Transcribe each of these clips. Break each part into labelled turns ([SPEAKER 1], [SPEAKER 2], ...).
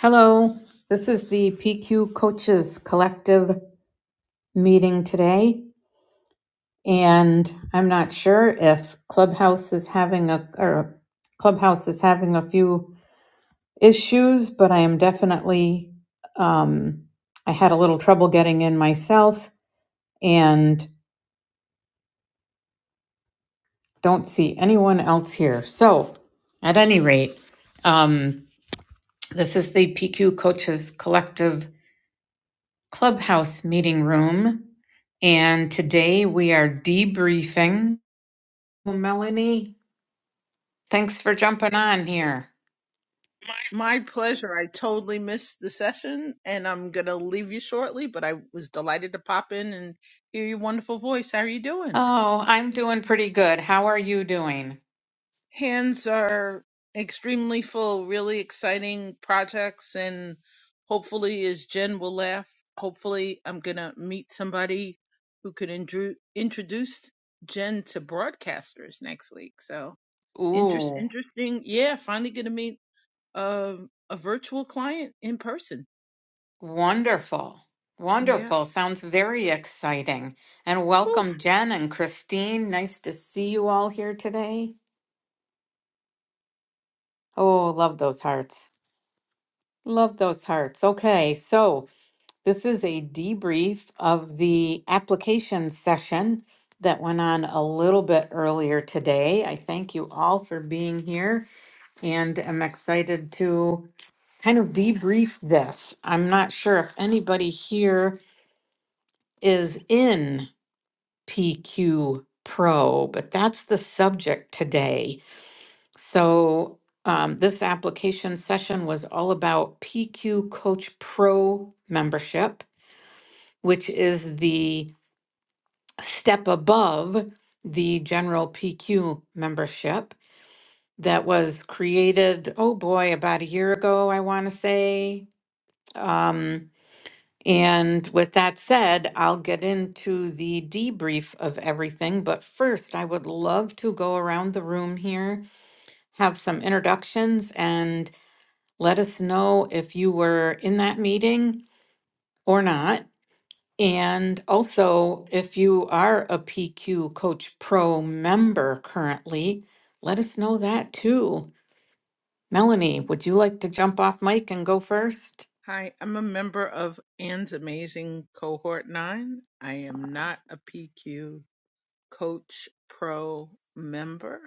[SPEAKER 1] Hello, this is the PQ Coaches Collective meeting today, and I'm not sure if Clubhouse is having a or Clubhouse is having a few issues, but I am definitely um, I had a little trouble getting in myself, and don't see anyone else here. So, at any rate, um, this is the PQ Coaches Collective clubhouse meeting room and today we are debriefing Well, melanie thanks for jumping on here
[SPEAKER 2] My pleasure. I totally missed the session and I'm going to leave you shortly, but I was delighted to pop in and hear your wonderful voice. How are you doing?
[SPEAKER 1] oh i'm doing pretty good how are you doing
[SPEAKER 2] Hands are extremely full, really exciting projects. And hopefully, as Jen will laugh, hopefully, I'm going to meet somebody who could indru- introduce Jen to broadcasters next week. So, interest,
[SPEAKER 1] ooh
[SPEAKER 2] interesting. Yeah, finally going to meet a, a virtual client in person.
[SPEAKER 1] wonderful
[SPEAKER 2] Yeah.
[SPEAKER 1] wonderful sounds very exciting and welcome jen and christine nice to see you all here today oh love those hearts love those hearts okay so This is a debrief of the application session that went on a little bit earlier today. I thank you all for being here and am excited to kind of debrief this. I'm not sure if anybody here is in PQ Pro, but that's the subject today. So, um, this application session was all about PQ Coach Pro membership, which is the step above the general PQ membership that was created, oh boy, about a year ago, I want to say. Um, and with that said, I'll get into the debrief of everything. But first, I would love to go around the room here, have some introductions, and let us know if you were in that meeting or not. And also, if you are a PQ Coach Pro member currently, let us know that too. Melanie, would you like to jump off mic and go first?
[SPEAKER 2] Hi, I'm a member of Anne's Amazing Cohort 9. I am not a PQ Coach Pro member.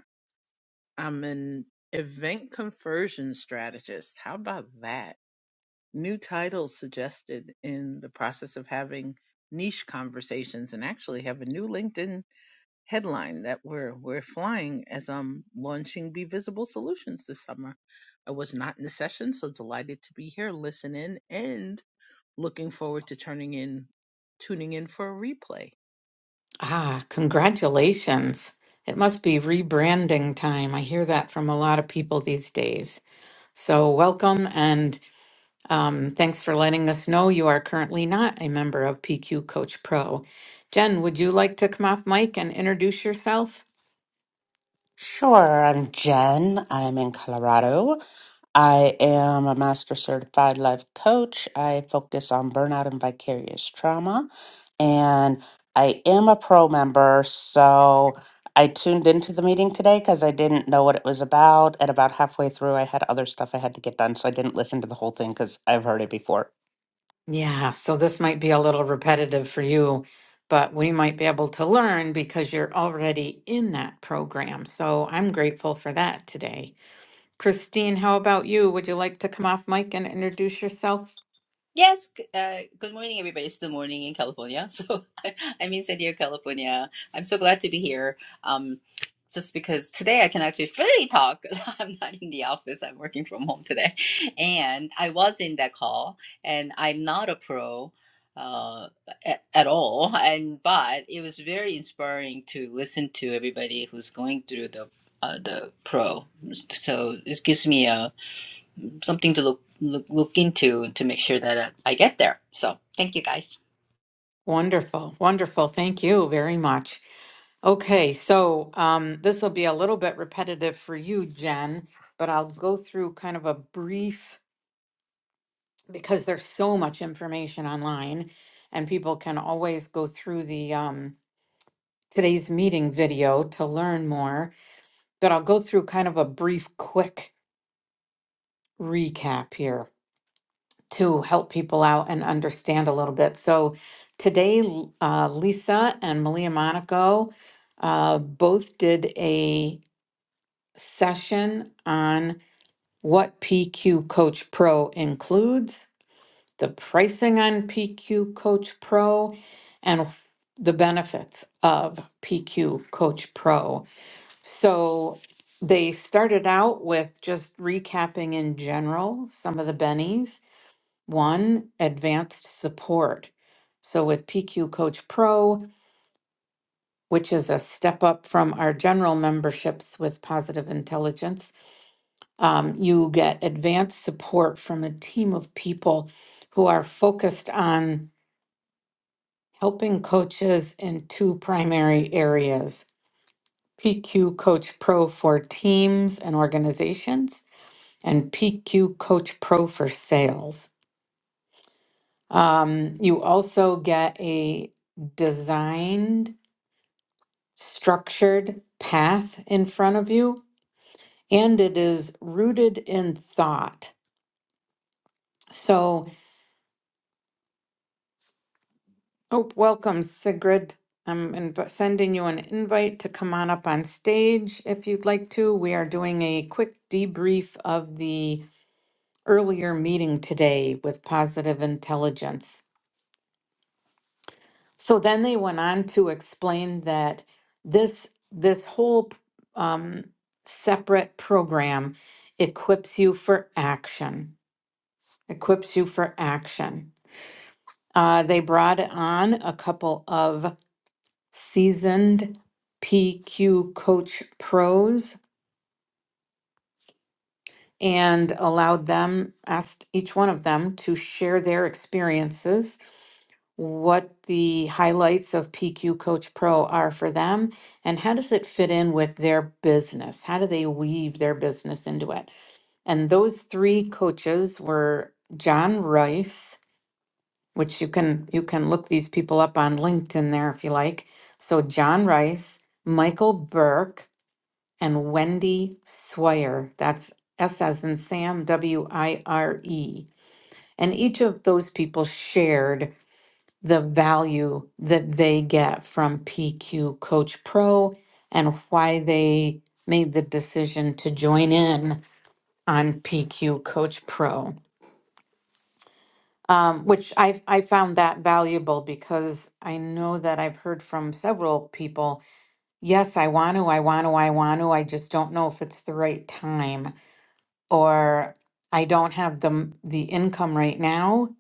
[SPEAKER 2] I'm an event conversion strategist. How about that? New title suggested in the process of having niche conversations and actually have a new LinkedIn headline that we're we're flying as I'm launching Be Visible Solutions this summer. I was not in the session, so delighted to be here, listen in, and looking forward to turning in tuning in for a replay.
[SPEAKER 1] Ah, congratulations. It must be rebranding time. I hear that from a lot of people these days. So, welcome and um, thanks for letting us know you are currently not a member of PQ Coach Pro. Jen, would you like to come off mic and introduce yourself?
[SPEAKER 3] Sure, I'm Jen. I'm in Colorado. I am a master certified life coach. I focus on burnout and vicarious trauma. And I am a pro member. So I tuned into the meeting today because I didn't know what it was about. And about halfway through, I had other stuff I had to get done. So I didn't listen to the whole thing because I've heard it before.
[SPEAKER 1] Yeah, so this might be a little repetitive for you, but we might be able to learn because you're already in that program. So I'm grateful for that today. Christine, how about you? Would you like to come off mic and introduce yourself?
[SPEAKER 4] Yes, g- uh, good morning, everybody. It's the morning in California. So I- I'm in San Diego, California. I'm so glad to be here. Um, just because today I can actually freely talk. 'Cause I'm not in the office. I'm working from home today. And I was in that call, and I'm not a pro uh, at, at all. And but it was very inspiring to listen to everybody who's going through the uh, the pro. So this gives me a something to look look, look into to make sure that uh, I get there. So thank you guys.
[SPEAKER 1] Wonderful, wonderful. Thank you very much. Okay, so um, this will be a little bit repetitive for you, Jen, but I'll go through kind of a brief because there's so much information online and people can always go through the um, today's meeting video to learn more, but I'll go through kind of a brief, quick recap here to help people out and understand a little bit. So, today, L- uh, Lisa and Malia Monaco uh, both did a session on what PQ Coach Pro includes, the pricing on PQ Coach Pro, and the benefits of PQ Coach Pro. So they started out with just recapping in general some of the bennies. One, advanced support. So with PQ Coach Pro, which is a step up from our general memberships with Positive Intelligence, um, you get advanced support from a team of people who are focused on helping coaches in two primary areas PQ Coach Pro for teams and organizations and PQ Coach Pro for sales. Um, you also get a designed, structured path in front of you, and it is rooted in thought. So, oh, welcome, Sigrid. I'm inv- sending you an invite to come on up on stage if you'd like to. We are doing a quick debrief of the earlier meeting today with Positive Intelligence. So then they went on to explain that this this whole um, separate program equips you for action. Equips you for action. Uh, they brought on a couple of seasoned PQ coach pros and allowed them, asked each one of them to share their experiences, what the highlights of PQ Coach Pro are for them, and how does it fit in with their business? How do they weave their business into it? And those three coaches were John Rice, which you can you can look these people up on LinkedIn there if you like. So John Rice, Michael Burke, and Wendy Swire. That's S as in Sam, W I R E. And each of those people shared the value that they get from PQ Coach Pro and why they made the decision to join in on PQ Coach Pro. Um, which I I found that valuable because I know that I've heard from several people. Yes, I want to, I want to, I want to. I just don't know if it's the right time or I don't have the the income right now,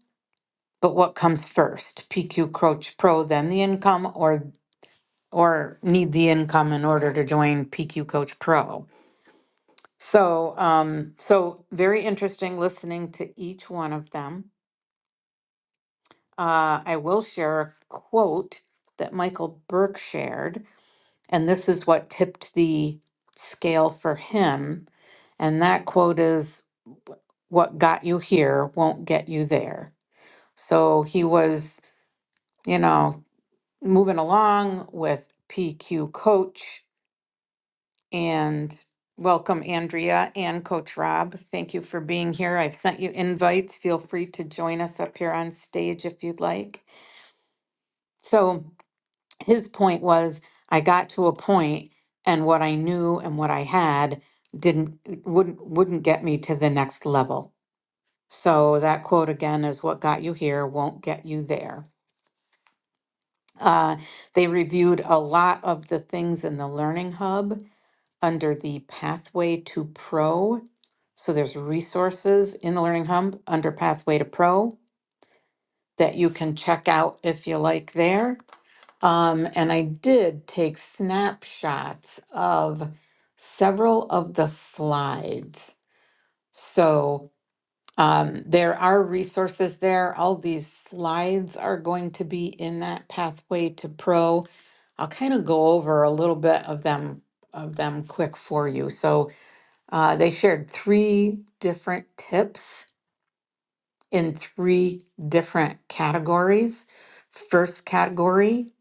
[SPEAKER 1] but what comes first? PQ Coach Pro, then the income, or or need the income in order to join PQ Coach Pro. So um, so very interesting listening to each one of them. Uh, I will share a quote that Michael Burke shared, and this is what tipped the scale for him. And that quote is, "What got you here won't get you there." So he was, you know, moving along with PQ Coach and welcome Andrea and Coach Rob. Thank you for being here. I've sent you invites. Feel free to join us up here on stage if you'd like. So his point was I got to a point and what I knew and what I had didn't wouldn't wouldn't get me to the next level. So that quote again is what got you here won't get you there. Uh, they reviewed a lot of the things in the Learning Hub under the Pathway to Pro. So there's resources in the Learning Hub under Pathway to Pro that you can check out if you like there. Um, and I did take snapshots of several of the slides. So um, there are resources there. All these slides are going to be in that pathway to pro. I'll kind of go over a little bit of them of them quick for you. So uh, they shared three different tips in three different categories. First category,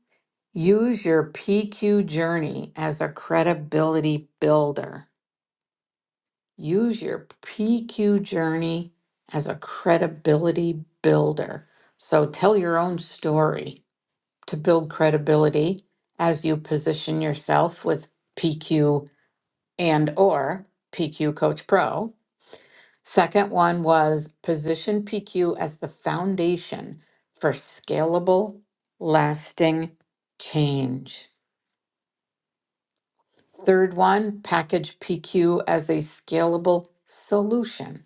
[SPEAKER 1] use your PQ journey as a credibility builder. Use your PQ journey as a credibility builder. So tell your own story to build credibility as you position yourself with PQ and or PQ Coach Pro. Second one was position PQ as the foundation for scalable, lasting change. Third one, package PQ as a scalable solution.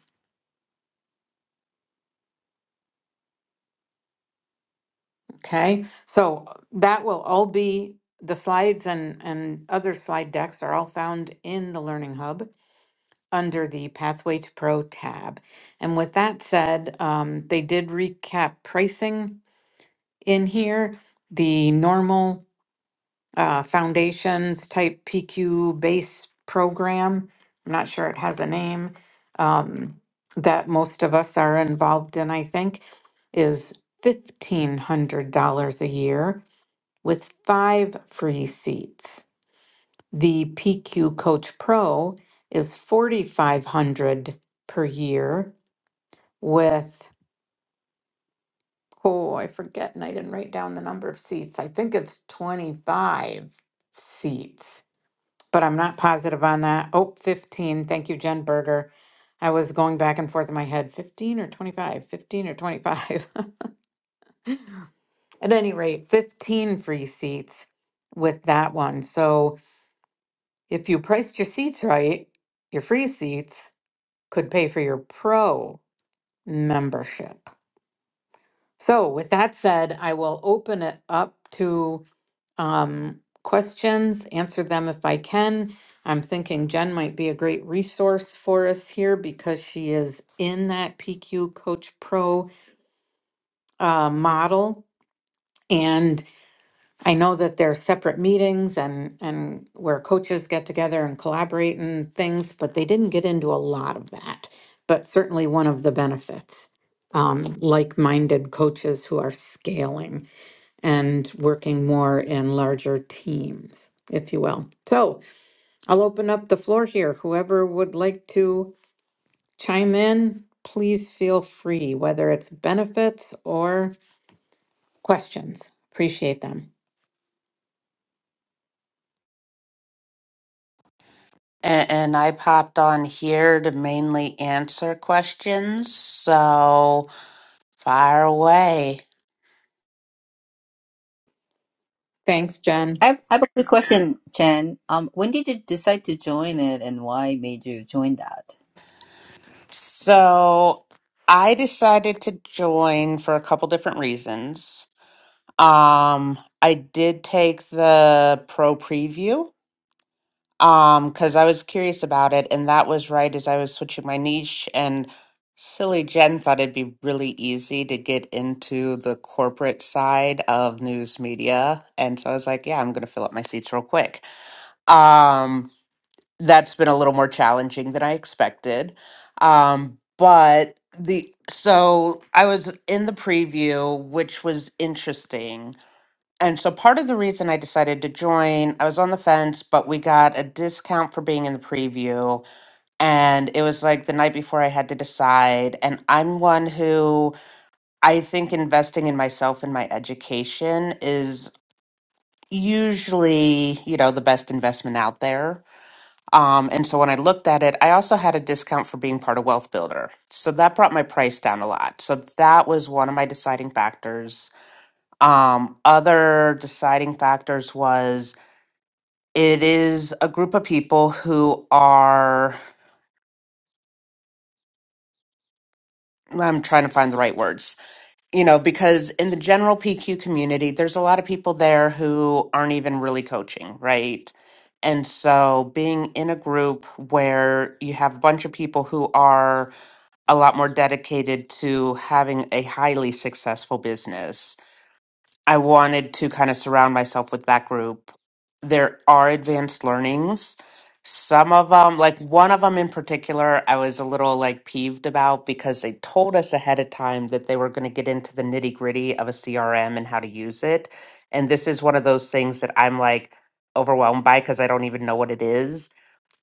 [SPEAKER 1] Okay, so that will all be, the slides and, and other slide decks are all found in the Learning Hub under the Pathway to Pro tab. And with that said, um, they did recap pricing in here, the normal uh, foundations type PQ base program. I'm not sure it has a name um, that most of us are involved in, I think, is $1,500 a year with five free seats. The PQ Coach Pro is 4500 per year with, oh, I forget, and I didn't write down the number of seats. I think it's 25 seats, but I'm not positive on that. Oh, 15. Thank you, Jen Berger. I was going back and forth in my head 15 or 25, 15 or 25. At any rate, 15 free seats with that one. So, If you priced your seats right, your free seats could pay for your pro membership. So, with that said, I will open it up to um, questions, answer them if I can. I'm thinking Jen might be a great resource for us here because she is in that PQ Coach Pro uh, model. And I know that there's separate meetings and and where coaches get together and collaborate and things, but they didn't get into a lot of that. But certainly one of the benefits, um, like-minded coaches who are scaling and working more in larger teams, if you will. So I'll open up the floor here. Whoever would like to chime in, please feel free, whether it's benefits or questions. Appreciate them.
[SPEAKER 3] And, and I popped on here to mainly answer questions. So fire away.
[SPEAKER 1] Thanks, Jen.
[SPEAKER 4] I have, I have a quick question, Chen. Um, when did you decide to join it, and why made you join that?
[SPEAKER 3] So I decided to join for a couple different reasons. Um, I did take the pro preview um because I was curious about it, and that was right as I was switching my niche and silly Jen thought it'd be really easy to get into the corporate side of news media. And so I was like, yeah, I'm gonna fill up my seats real quick. Um that's been a little more challenging than I expected. Um, but the so I was in the preview, which was interesting. And so part of the reason I decided to join, I was on the fence, but we got a discount for being in the preview. And it was like the night before I had to decide. And I'm one who I think investing in myself and my education is usually, you know, the best investment out there. Um, and so when I looked at it, I also had a discount for being part of Wealth Builder. So that brought my price down a lot. So that was one of my deciding factors. Um, other deciding factors was it is a group of people who are, I'm trying to find the right words, you know, because in the general PQ community, there's a lot of people there who aren't even really coaching, right? And so being in a group where you have a bunch of people who are, a lot more dedicated to having a highly successful business. I wanted to kind of surround myself with that group. There are advanced learnings. Some of them, like one of them in particular, I was a little like peeved about because they told us ahead of time that they were going to get into the nitty gritty of a CRM and how to use it. And this is one of those things that I'm like overwhelmed by because I don't even know what it is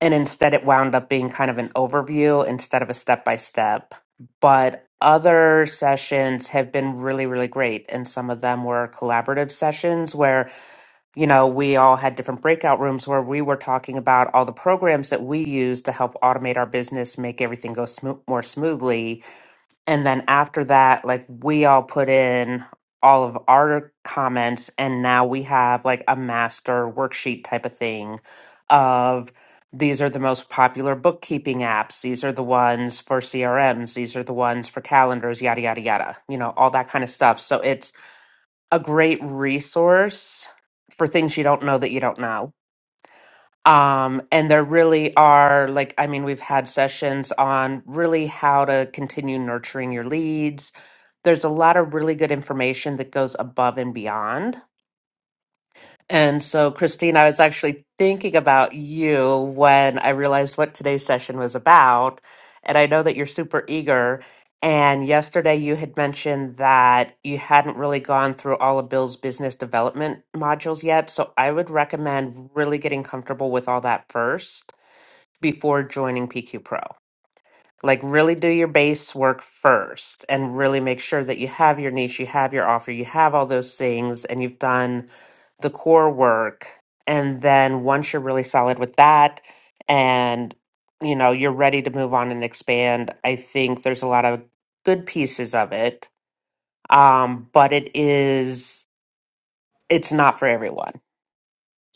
[SPEAKER 3] and instead it wound up being kind of an overview instead of a step by step. But other sessions have been really, really great. And some of them were collaborative sessions where, you know, we all had different breakout rooms where we were talking about all the programs that we use to help automate our business, make everything go smo- more smoothly and then after that, like we all put in all of our comments, and now we have like a master worksheet type of thing of these are the most popular bookkeeping apps. These are the ones for CRMs. These are the ones for calendars, yada, yada, yada, you know, all that kind of stuff. So it's a great resource for things you don't know that you don't know. Um, and there really are, like, I mean, we've had sessions on really how to continue nurturing your leads there's a lot of really good information that goes above and beyond. And so, Christine, I was actually thinking about you when I realized what today's session was about. And I know that you're super eager. And yesterday you had mentioned that you hadn't really gone through all of Bill's business development modules yet. So I would recommend really getting comfortable with all that first before joining PQ Pro like really do your base work first and really make sure that you have your niche, you have your offer, you have all those things and you've done the core work. And then once you're really solid with that and you know, you're ready to move on and expand, I think there's a lot of good pieces of it. Um but it is it's not for everyone.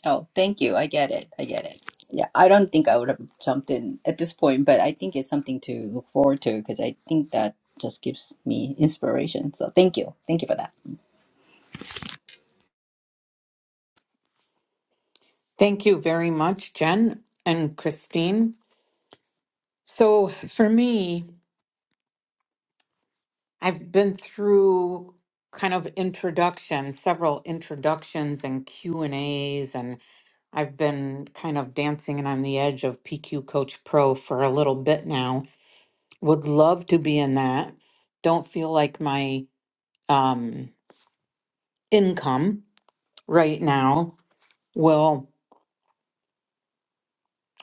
[SPEAKER 4] Oh, thank you. I get it. I get it. Yeah, I don't think I would have jumped in at this point, but I think it's something to look forward to because I think that just gives me inspiration. So thank you, thank you for that.
[SPEAKER 1] Thank you very much, Jen and Christine. So, for me, I've been through kind of introduction, several introductions and Q&As and A's, and I've been kind of dancing and on the edge of PQ Coach Pro for a little bit now. Would love to be in that. Don't feel like my um income right now will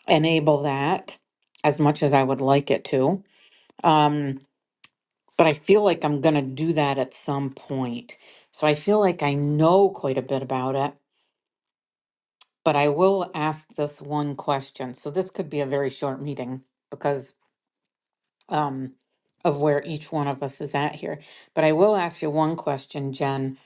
[SPEAKER 1] enable that as much as I would like it to. Um but I feel like I'm going to do that at some point. So I feel like I know quite a bit about it, but I will ask this one question. So this could be a very short meeting because um, of where each one of us is at here. But I will ask you one question, Jen.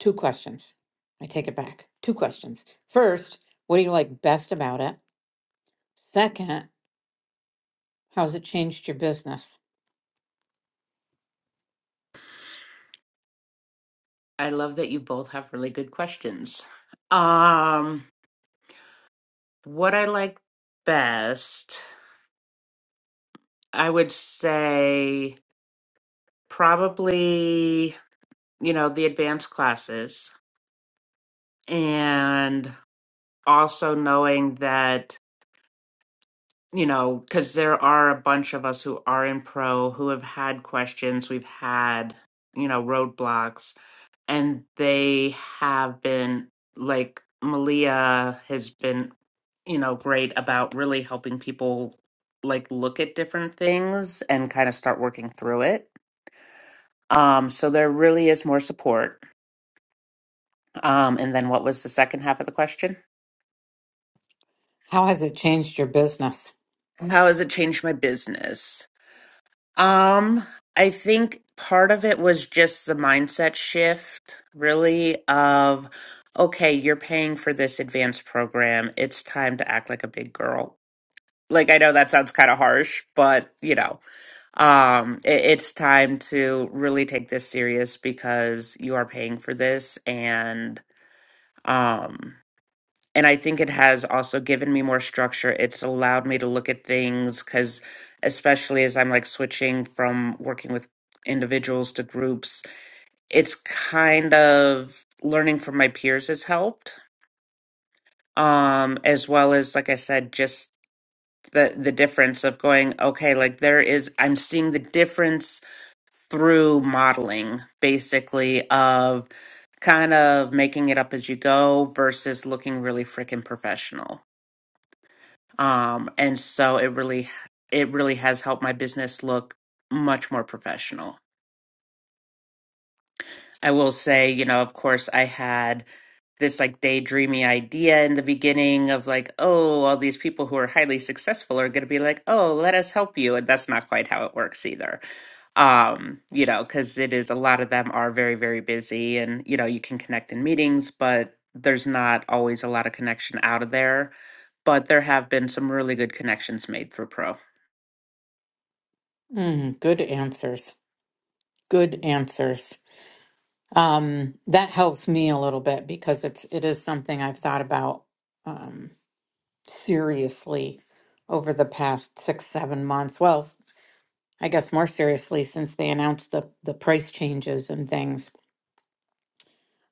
[SPEAKER 1] Two questions. I take it back. Two questions. First, what do you like best about it? Second, how's it changed your business?
[SPEAKER 3] I love that you both have really good questions. Um, what I like best. I would say probably, you know, the advanced classes and also knowing that, you know, because there are a bunch of us who are in pro who have had questions, we've had, you know, roadblocks, and they have been like Malia has been, you know, great about really helping people like look at different things and kind of start working through it Um, so there really is more support. Um, and then what was the second half of the question?
[SPEAKER 1] How has it changed your business?
[SPEAKER 3] How has it changed my business? Um, I think part of it was just the mindset shift, really, of okay, you're paying for this advanced program. It's time to act like a big girl. Like I know that sounds kind of harsh, but you know, um, it, it's time to really take this serious because you are paying for this, and um and I think it has also given me more structure. It's allowed me to look at things because, especially as I'm like switching from working with individuals to groups, it's kind of learning from my peers has helped. Um, as well as, like I said, just the the difference of going, okay, like there is, I'm seeing the difference through modeling, basically of kind of making it up as you go versus looking really freaking professional um and so it really it really has helped my business look much more professional i will say you know of course i had this like daydreamy idea in the beginning of like oh all these people who are highly successful are going to be like oh let us help you and that's not quite how it works either um you know because it is a lot of them are very very busy and you know you can connect in meetings but there's not always a lot of connection out of there but there have been some really good connections made through pro
[SPEAKER 1] Mm, good answers. Good answers. Um, that helps me a little bit because it's it is something I've thought about um, seriously over the past six, seven months. Well, s- I guess more seriously since they announced the the price changes and things.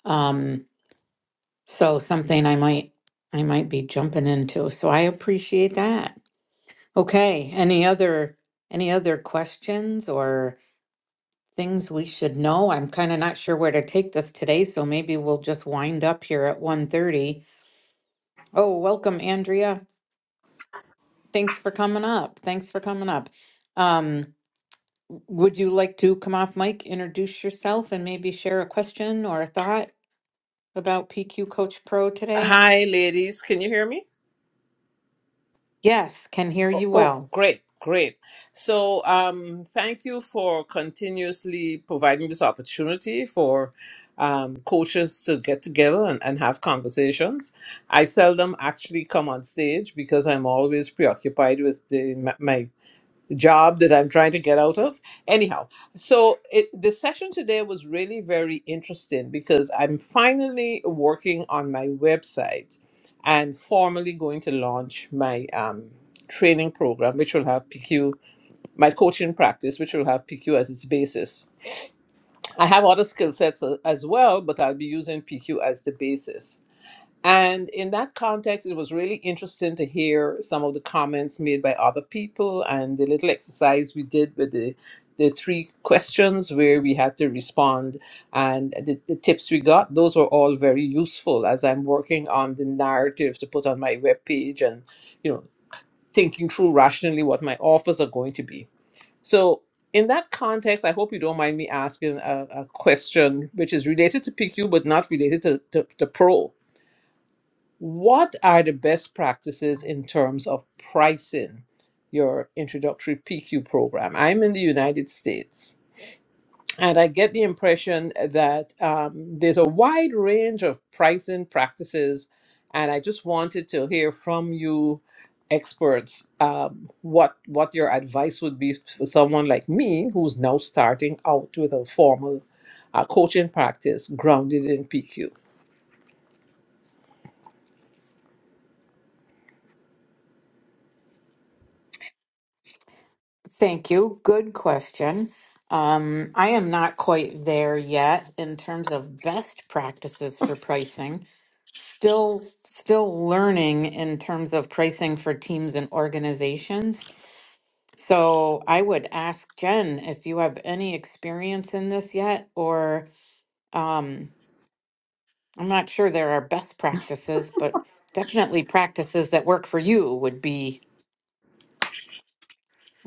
[SPEAKER 1] Um, so something I might I might be jumping into. So I appreciate that. Okay. Any other any other questions or things we should know? I'm kind of not sure where to take this today, so maybe we'll just wind up here at one thirty. Oh, welcome, Andrea. Thanks for coming up. Thanks for coming up. Um, would you like to come off mic, introduce yourself, and maybe share a question or a thought about PQ Coach Pro today?
[SPEAKER 5] Hi, ladies. Can you hear me?
[SPEAKER 1] Yes, can hear
[SPEAKER 5] Oh,
[SPEAKER 1] you
[SPEAKER 5] oh,
[SPEAKER 1] well.
[SPEAKER 5] great, great. So, um, thank you for continuously providing this opportunity for um, coaches to get together and, and have conversations. I seldom actually come on stage because I'm always preoccupied with the, my, my job that I'm trying to get out of. Anyhow, so it, the session today was really very interesting because I'm finally working on my website and formally going to launch my um, training program, which will have PQ, my coaching practice, which will have PQ as its basis. I have other skill sets a- as well, but I'll be using PQ as the basis. And in that context, it was really interesting to hear some of the comments made by other people and the little exercise we did with the the three questions where we had to respond and the, the tips we got those were all very useful as i'm working on the narrative to put on my webpage and you know thinking through rationally what my offers are going to be so in that context i hope you don't mind me asking a, a question which is related to pq but not related to, to, to pro what are the best practices in terms of pricing your introductory PQ program? I'm in the United States, and I get the impression that um, there's a wide range of pricing practices, and I just wanted to hear from you experts um, what what your advice would be for someone like me who's now starting out with a formal uh, coaching practice grounded in PQ.
[SPEAKER 1] Thank you. Good question. Um, I am not quite there yet in terms of best practices for pricing. Still, still learning in terms of pricing for teams and organizations. So I would ask Jen if you have any experience in this yet, or um, I'm not sure there are best practices, but definitely practices that work for you would be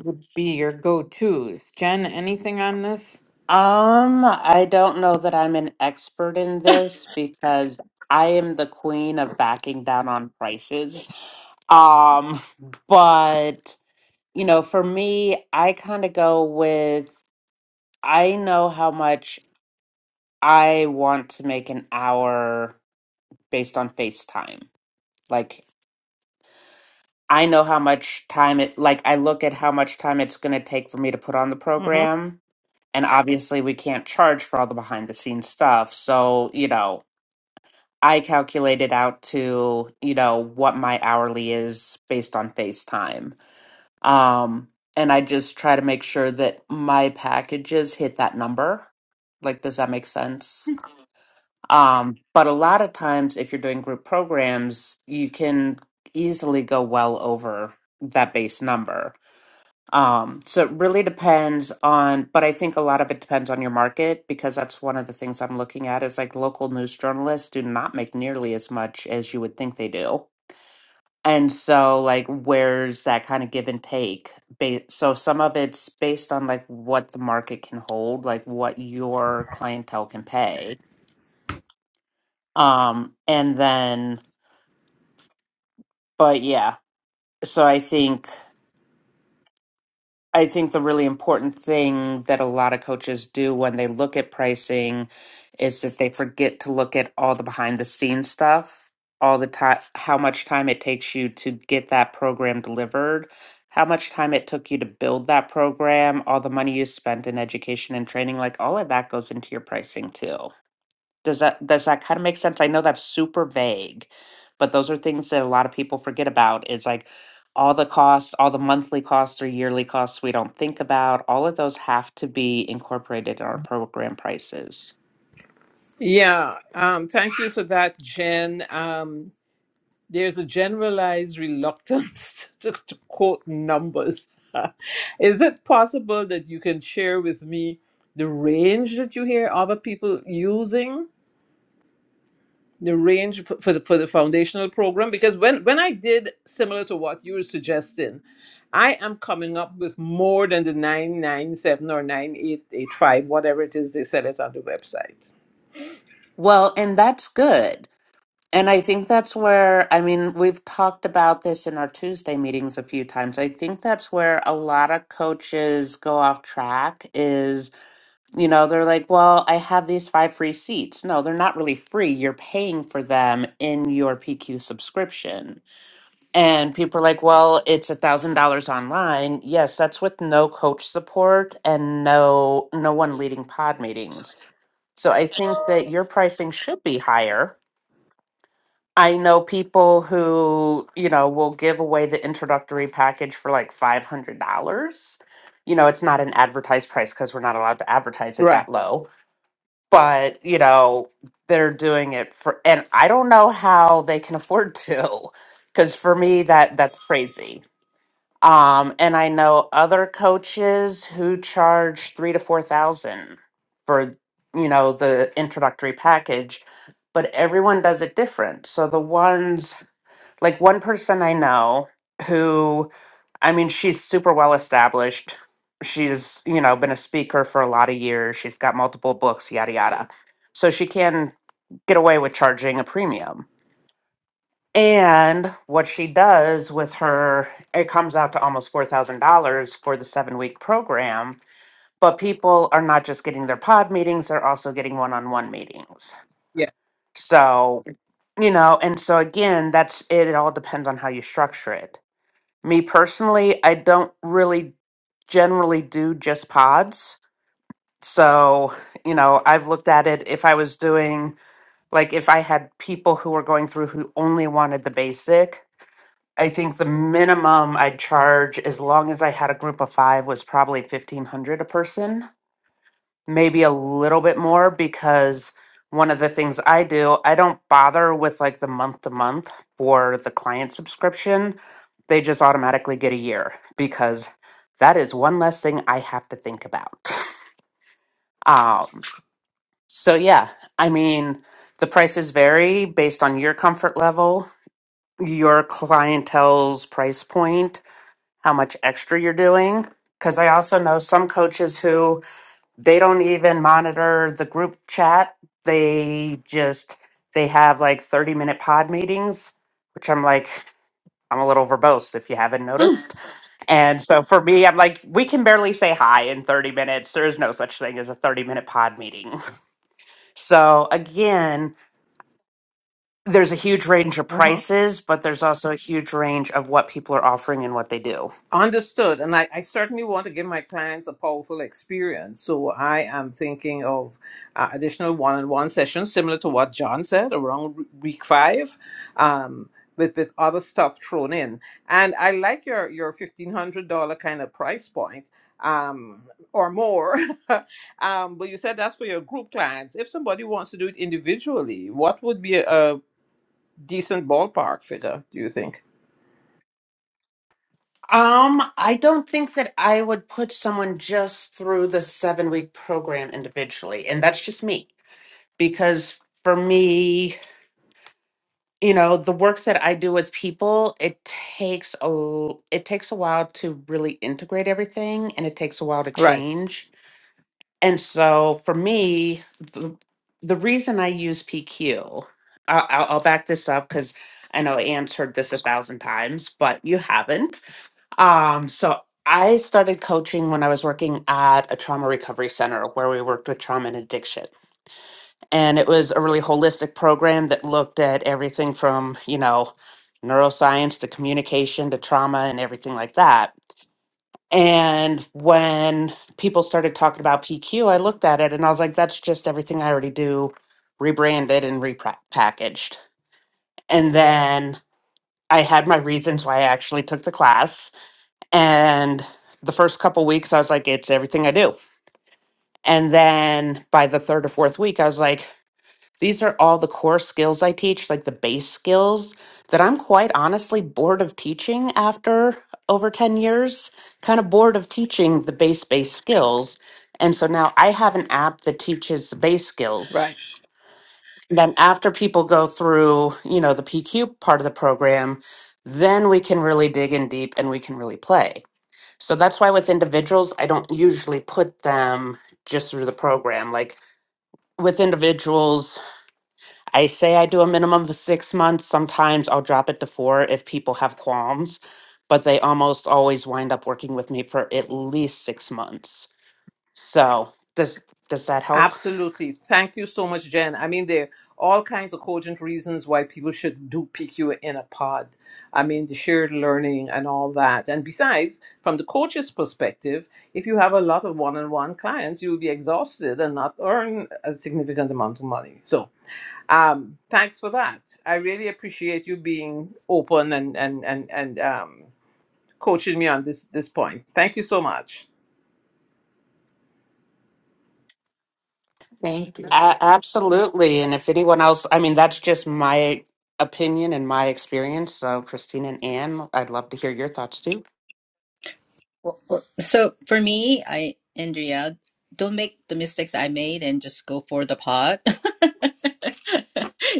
[SPEAKER 1] would be your go-tos. Jen, anything on this?
[SPEAKER 3] Um, I don't know that I'm an expert in this because I am the queen of backing down on prices. Um, but you know, for me, I kind of go with I know how much I want to make an hour based on FaceTime. Like I know how much time it like I look at how much time it's going to take for me to put on the program. And obviously, we can't charge for all the behind the scenes stuff. So, you know, I calculated out to, you know, what my hourly is based on FaceTime. Um, and I just try to make sure that my packages hit that number. Like, does that make sense? Um, but a lot of times, if you're doing group programs, you can easily go well over that base number um, so it really depends on, but I think a lot of it depends on your market because that's one of the things I'm looking at is like local news journalists do not make nearly as much as you would think they do. And so, like, where's that kind of give and take? Ba- So, some of it's based on like what the market can hold, like what your clientele can pay. Um, and then, but yeah, so I think. I think the really important thing that a lot of coaches do when they look at pricing is that they forget to look at all the behind the scenes stuff, all the time, how much time it takes you to get that program delivered, how much time it took you to build that program, all the money you spent in education and training, like all of that goes into your pricing too. Does that does that kind of make sense? I know that's super vague, but those are things that a lot of people forget about. Is like all the costs, all the monthly costs or yearly costs we don't think about, all of those have to be incorporated in our program prices.
[SPEAKER 5] Yeah, um, thank you for that, Jen. Um, there's a generalized reluctance to, to quote numbers. Is it possible that you can share with me the range that you hear other people using, the range for, for the for the foundational program? Because when when I did similar to what you were suggesting, I am coming up with more than the nine nine seven or nine eight eight five, whatever it is they said it on the website.
[SPEAKER 3] Well, and that's good. And I think that's where, I mean, we've talked about this in our Tuesday meetings a few times. I think that's where a lot of coaches go off track is, you know, they're like, well, I have these five free seats. No, they're not really free. You're paying for them in your PQ subscription. And people are like, well, it's a $1,000 online. Yes, that's with no coach support and no no one leading pod meetings. So I think that your pricing should be higher I know people who, you know, will give away the introductory package for like $500. You know, it's not an advertised price because we're not allowed to advertise it
[SPEAKER 5] Right.
[SPEAKER 3] that low. But, you know, they're doing it for, and I don't know how they can afford to, because for me, that that's crazy. Um, and I know other coaches who charge three to four thousand for, you know, the introductory package, but everyone does it different. So the ones like one person I know who, I mean, she's super well established. She's, you know, been a speaker for a lot of years. She's got multiple books, yada, yada. So she can get away with charging a premium. And what she does with her, it comes out to almost $4,000 for the seven week program. But people are not just getting their pod meetings, they're also getting one on one meetings.
[SPEAKER 5] yeah.
[SPEAKER 3] So, you know, and so again, that's it, it all depends on how you structure it Me personally, I don't really generally do just pods. So, you know, I've looked at it if I was doing, like, if I had people who were going through who only wanted the basic, I think the minimum I'd charge, as long as I had a group of five, was probably 1500 a person maybe a little bit more because one of the things I do, I don't bother with like the month to month for the client subscription. They just automatically get a year because that is one less thing I have to think about. Um, so, yeah, I mean, the prices vary based on your comfort level, your clientele's price point, how much extra you're doing. Because I also know some coaches who they don't even monitor the group chat. They just they have like 30 minute pod meetings, which I'm like, I'm a little verbose if you haven't noticed. And so for me, I'm like, we can barely say hi in 30 minutes. There is no such thing as a 30 minute pod meeting. So again, there's a huge range of
[SPEAKER 5] Uh-huh.
[SPEAKER 3] prices, but there's also a huge range of what people are offering and what they do.
[SPEAKER 5] Understood. And I, I certainly want to give my clients a powerful experience. So I am thinking of uh, additional one on one sessions, similar to what John said around w- week five, um, with, with other stuff thrown in. And I like your, your $1,500 kind of price point um, or more. um, but you said that's for your group clients. If somebody wants to do it individually, what would be a, a decent ballpark figure, do you think?
[SPEAKER 3] Um, I don't think that I would put someone just through the seven week program individually. And that's just me. Because for me, you know, the work that I do with people, it takes a it takes a while to really integrate everything and it takes a while to
[SPEAKER 5] Right,
[SPEAKER 3] change. And so for me, the, the reason I use PQ, I'll, I'll I'll back this up because I know Anne's heard this a thousand times, but you haven't um, so I started coaching when I was working at a trauma recovery center where we worked with trauma and addiction. And it was a really holistic program that looked at everything from, you know, neuroscience to communication to trauma and everything like that. And when people started talking about PQ, I looked at it and I was like, that's just everything I already do, rebranded and repackaged. And then I had my reasons why I actually took the class And the first couple weeks, I was like, it's everything I do. And then by the third or fourth week, I was like, these are all the core skills I teach, like the base skills that I'm quite honestly bored of teaching after over 10 years, kind of bored of teaching the base, base skills. And so now I have an app that teaches the base skills.
[SPEAKER 5] right.
[SPEAKER 3] Then after people go through, you know, the PQ part of the program, then we can really dig in deep and we can really play. So that's why with individuals, I don't usually put them just through the program. Like with individuals, I say I do a minimum of six months. Sometimes I'll drop it to four if people have qualms, but they almost always wind up working with me for at least six months. So does does that help?
[SPEAKER 5] Absolutely. Thank you so much, Jen. I mean, there are all kinds of cogent reasons why people should do PQ in a pod. I mean, the shared learning and all that. And besides, from the coach's perspective, if you have a lot of one on one clients, you will be exhausted and not earn a significant amount of money. So, um, thanks for that. I really appreciate you being open and, and, and, and um, coaching me on this, this point. Thank you so much.
[SPEAKER 1] Thank you.
[SPEAKER 3] A- absolutely. And if anyone else, I mean, that's just my opinion and my experience. So Christine and Anne, I'd love to hear your thoughts too.
[SPEAKER 4] Well, well, so for me, I Andrea, don't make the mistakes I made and just go for the pot.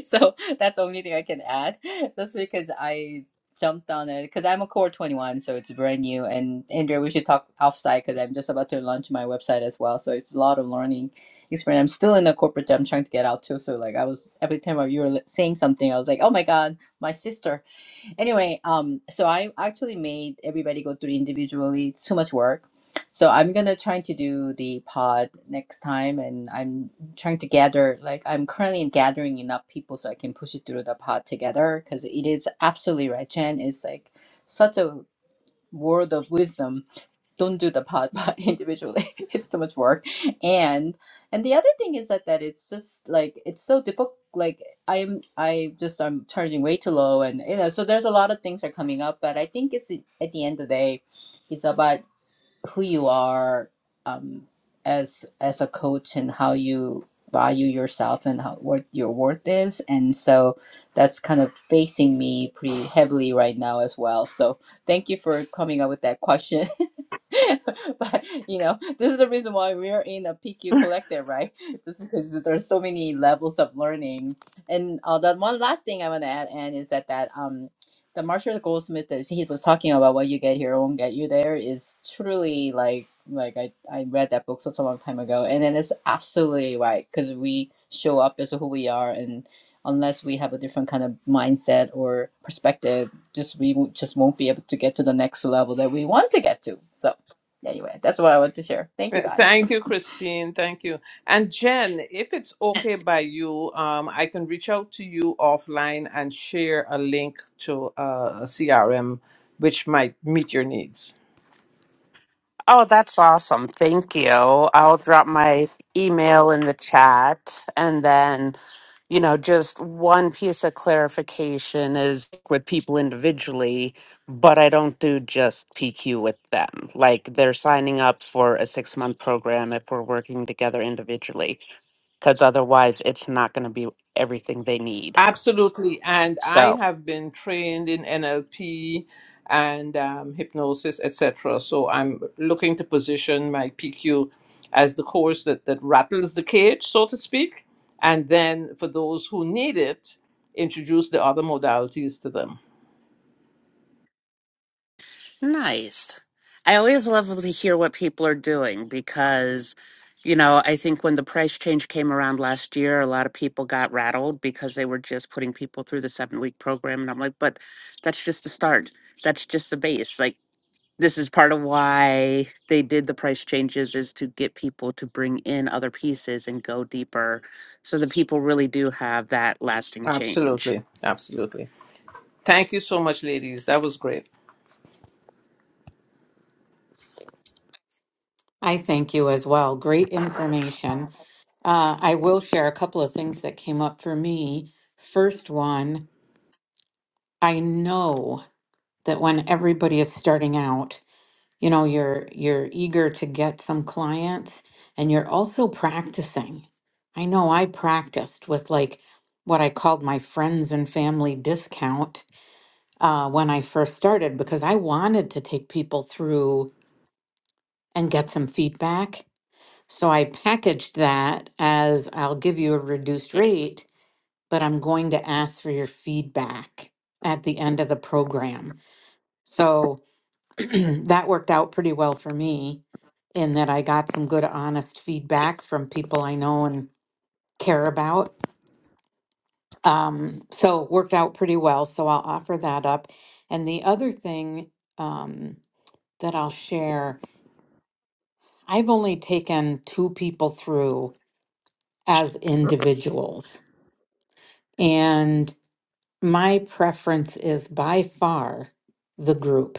[SPEAKER 4] so that's the only thing I can add. Just because I jumped on it because I'm a core 21, so it's brand new. And Andrea, we should talk offsite because I'm just about to launch my website as well. So it's a lot of learning experience. I'm still in the corporate job. I'm trying to get out too. So like I was every time you were saying something, I was like, oh my god, my sister. Anyway, um, so I actually made everybody go through individually. It's too much work. So I'm gonna try to do the pod next time, and I'm trying to gather like I'm currently gathering enough people so I can push it through the pod together because it is absolutely right. Chen is like such a world of wisdom don't do the pod by individually it's too much work and and the other thing is that that it's just like it's so difficult like i'm i just i'm charging way too low and you know so there's a lot of things are coming up but i think it's at the end of the day it's about who you are um, as as a coach and how you value yourself and how what your worth is and so that's kind of facing me pretty heavily right now as well so thank you for coming up with that question but you know this is the reason why we're in a pq collective right just because there's so many levels of learning and uh, the one last thing i want to add and is that that um the Marshall Goldsmith that he was talking about, "What You Get Here Won't Get You There," is truly like like I I read that book such a long time ago, and then it's absolutely right because we show up as who we are, and unless we have a different kind of mindset or perspective, just we w- just won't be able to get to the next level that we want to get to. So. Anyway, that's what I want to share. Thank
[SPEAKER 5] Uh,
[SPEAKER 4] you guys.
[SPEAKER 5] Thank you, Christine. Thank you. And Jen, if it's okay by you, um, I can reach out to you offline and share a link to uh, a CRM which might meet your needs.
[SPEAKER 3] Oh, that's awesome. Thank you. I'll drop my email in the chat. And then, you know, just one piece of clarification is with people individually, but I don't do just PQ with them. Like they're signing up for a six month program if we're working together individually, because otherwise it's not going to be everything they need.
[SPEAKER 5] Absolutely. And I
[SPEAKER 3] So.
[SPEAKER 5] have been trained in NLP and um, hypnosis, etc. So I'm looking to position my PQ as the course that, that rattles the cage, so to speak. And then for those who need it, introduce the other modalities to them.
[SPEAKER 3] Nice. I always love to hear what people are doing because, you know, I think when the price change came around last year, a lot of people got rattled because they were just putting people through the seven week program. And I'm like, but that's just the start. That's just the base. Like, this is part of why they did the price changes is to get people to bring in other pieces and go deeper so that people really do have that lasting change.
[SPEAKER 5] Absolutely. Absolutely. Thank you so much, ladies. That was great.
[SPEAKER 1] I thank you as well. Great information. Uh, I will share a couple of things that came up for me. First one, I know that when everybody is starting out. You know, you're you're eager to get some clients and you're also practicing. I know I practiced with like what I called my friends and family discount uh, when I first started because I wanted to take people through and get some feedback. So I packaged that as I'll give you a reduced rate, but I'm going to ask for your feedback at the end of the program. So that worked out pretty well for me in that I got some good, honest feedback from people I know and care about. Um, so it worked out pretty well. So I'll offer that up. And the other thing um, that I'll share, I've only taken two people through as individuals. And my preference is by far the group.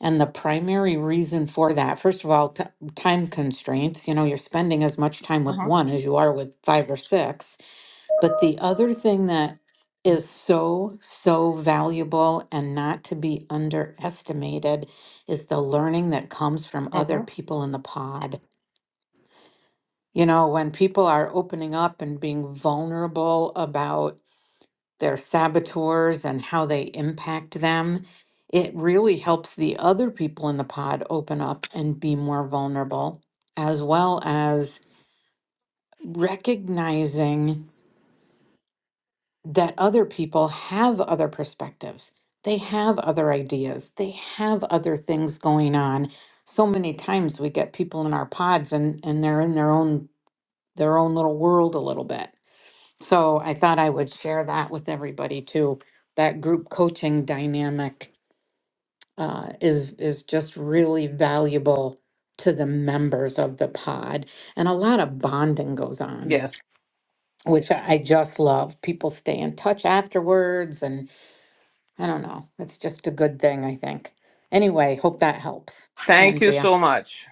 [SPEAKER 1] And the primary reason for that, first of all, t- time constraints. You know, you're spending as much time
[SPEAKER 5] Uh
[SPEAKER 1] with
[SPEAKER 5] huh.
[SPEAKER 1] one as you are with five or six. But the other thing that is so, so valuable and not to be underestimated is the learning that comes from
[SPEAKER 5] Uh
[SPEAKER 1] other
[SPEAKER 5] huh.
[SPEAKER 1] people in the pod. You know, when people are opening up and being vulnerable about their saboteurs and how they impact them. It really helps the other people in the pod open up and be more vulnerable, as well as recognizing that other people have other perspectives. They have other ideas. They have other things going on. So many times we get people in our pods and, and they're in their own their own little world a little bit So I thought I would share that with everybody too. That group coaching dynamic uh, is is just really valuable to the members of the pod, and a lot of bonding goes on,
[SPEAKER 5] Yes.
[SPEAKER 1] which I I just love. People stay in touch afterwards, and I don't know, it's just a good thing, I think. Anyway, hope that helps,
[SPEAKER 5] Thank you
[SPEAKER 1] Andrea.
[SPEAKER 5] so much.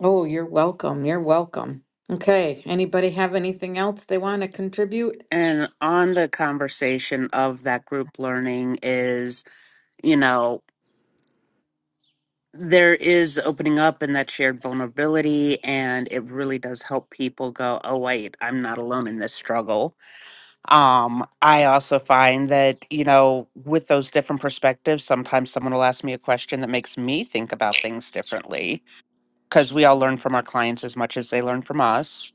[SPEAKER 1] Oh, you're welcome. You're welcome. Okay, anybody have anything else they want to contribute?
[SPEAKER 3] And on the conversation of that group learning is you know, there is opening up in that shared vulnerability and it really does help people go, "Oh wait, I'm not alone in this struggle." Um I also find that, you know, with those different perspectives, sometimes someone will ask me a question that makes me think about things differently because we all learn from our clients as much as they learn from us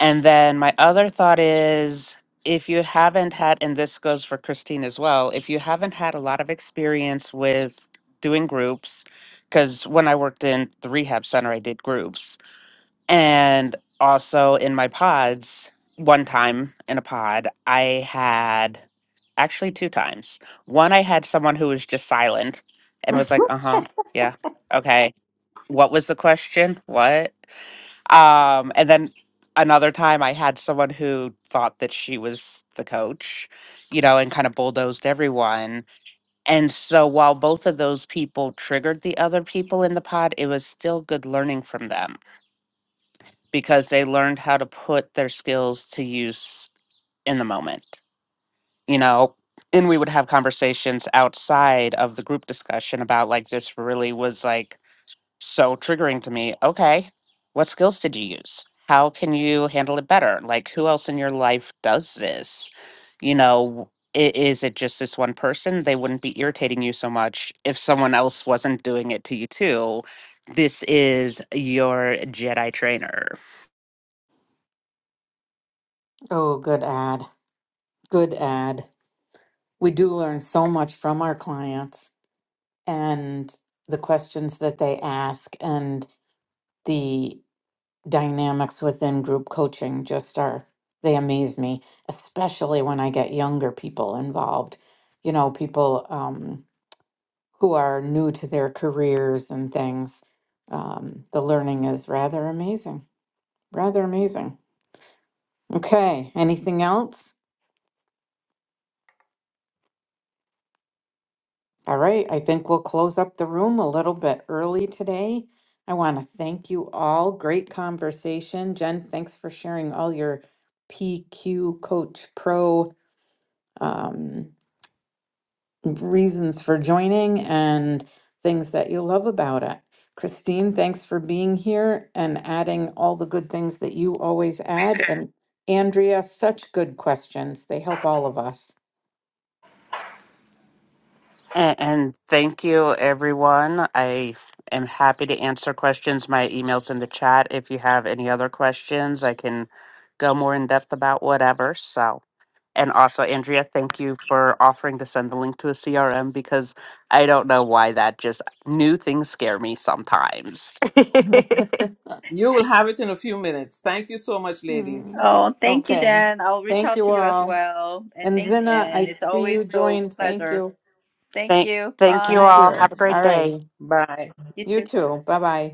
[SPEAKER 3] And then my other thought is if you haven't had, and this goes for Christine as well, if you haven't had a lot of experience with doing groups, because when I worked in the rehab center, I did groups. And also in my pods, one time in a pod, I had actually two times. One, I had someone who was just silent and was like, uh huh, yeah, okay. What was the question? What? Um, and then another time I had someone who thought that she was the coach, you know, and kind of bulldozed everyone. And so while both of those people triggered the other people in the pod, it was still good learning from them because they learned how to put their skills to use in the moment, you know. And we would have conversations outside of the group discussion about like this really was like so triggering to me. Okay, what skills did you use? How can you handle it better? Like, who else in your life does this? You know, i- is it just this one person? They wouldn't be irritating you so much if someone else wasn't doing it to you too. This is your Jedi trainer.
[SPEAKER 1] Oh, good ad. Good ad. we do learn so much from our clients and the questions that they ask and the dynamics within group coaching just are they amaze me especially when i get younger people involved you know people um, who are new to their careers and things um, the learning is rather amazing rather amazing okay anything else All right, I think we'll close up the room a little bit early today. I want to thank you all. Great conversation. Jen, thanks for sharing all your PQ Coach Pro um, reasons for joining and things that you love about it. Christine, thanks for being here and adding all the good things that you always add. And Andrea, such good questions. They help all of us.
[SPEAKER 3] And, and thank you, everyone. I am happy to answer questions. My email's in the chat. If you have any other questions, I can go more in depth about whatever. So. And also, Andrea, thank you for offering to send the link to a CRM because I don't know why that just new things scare me sometimes.
[SPEAKER 5] You will have it in a few minutes. Thank you so much, ladies.
[SPEAKER 1] Mm.
[SPEAKER 4] Oh, thank you,
[SPEAKER 1] Okay.
[SPEAKER 4] Jen. I'll reach
[SPEAKER 1] Thank
[SPEAKER 4] out
[SPEAKER 1] you
[SPEAKER 4] to you as
[SPEAKER 1] all.
[SPEAKER 4] well. And
[SPEAKER 1] And
[SPEAKER 4] thank you,
[SPEAKER 1] Zina,
[SPEAKER 4] Anne.
[SPEAKER 1] I
[SPEAKER 4] It's
[SPEAKER 1] see
[SPEAKER 4] always
[SPEAKER 1] you
[SPEAKER 4] so
[SPEAKER 1] joined. Thank
[SPEAKER 4] pleasure.
[SPEAKER 1] you.
[SPEAKER 4] Thank
[SPEAKER 3] thank,
[SPEAKER 4] you.
[SPEAKER 3] thank you
[SPEAKER 1] Thank
[SPEAKER 4] Bye.
[SPEAKER 3] all.
[SPEAKER 1] you.
[SPEAKER 3] Have a great
[SPEAKER 1] All
[SPEAKER 3] day.
[SPEAKER 1] righty.
[SPEAKER 5] Bye.
[SPEAKER 4] you too.
[SPEAKER 1] You too. Bye bye.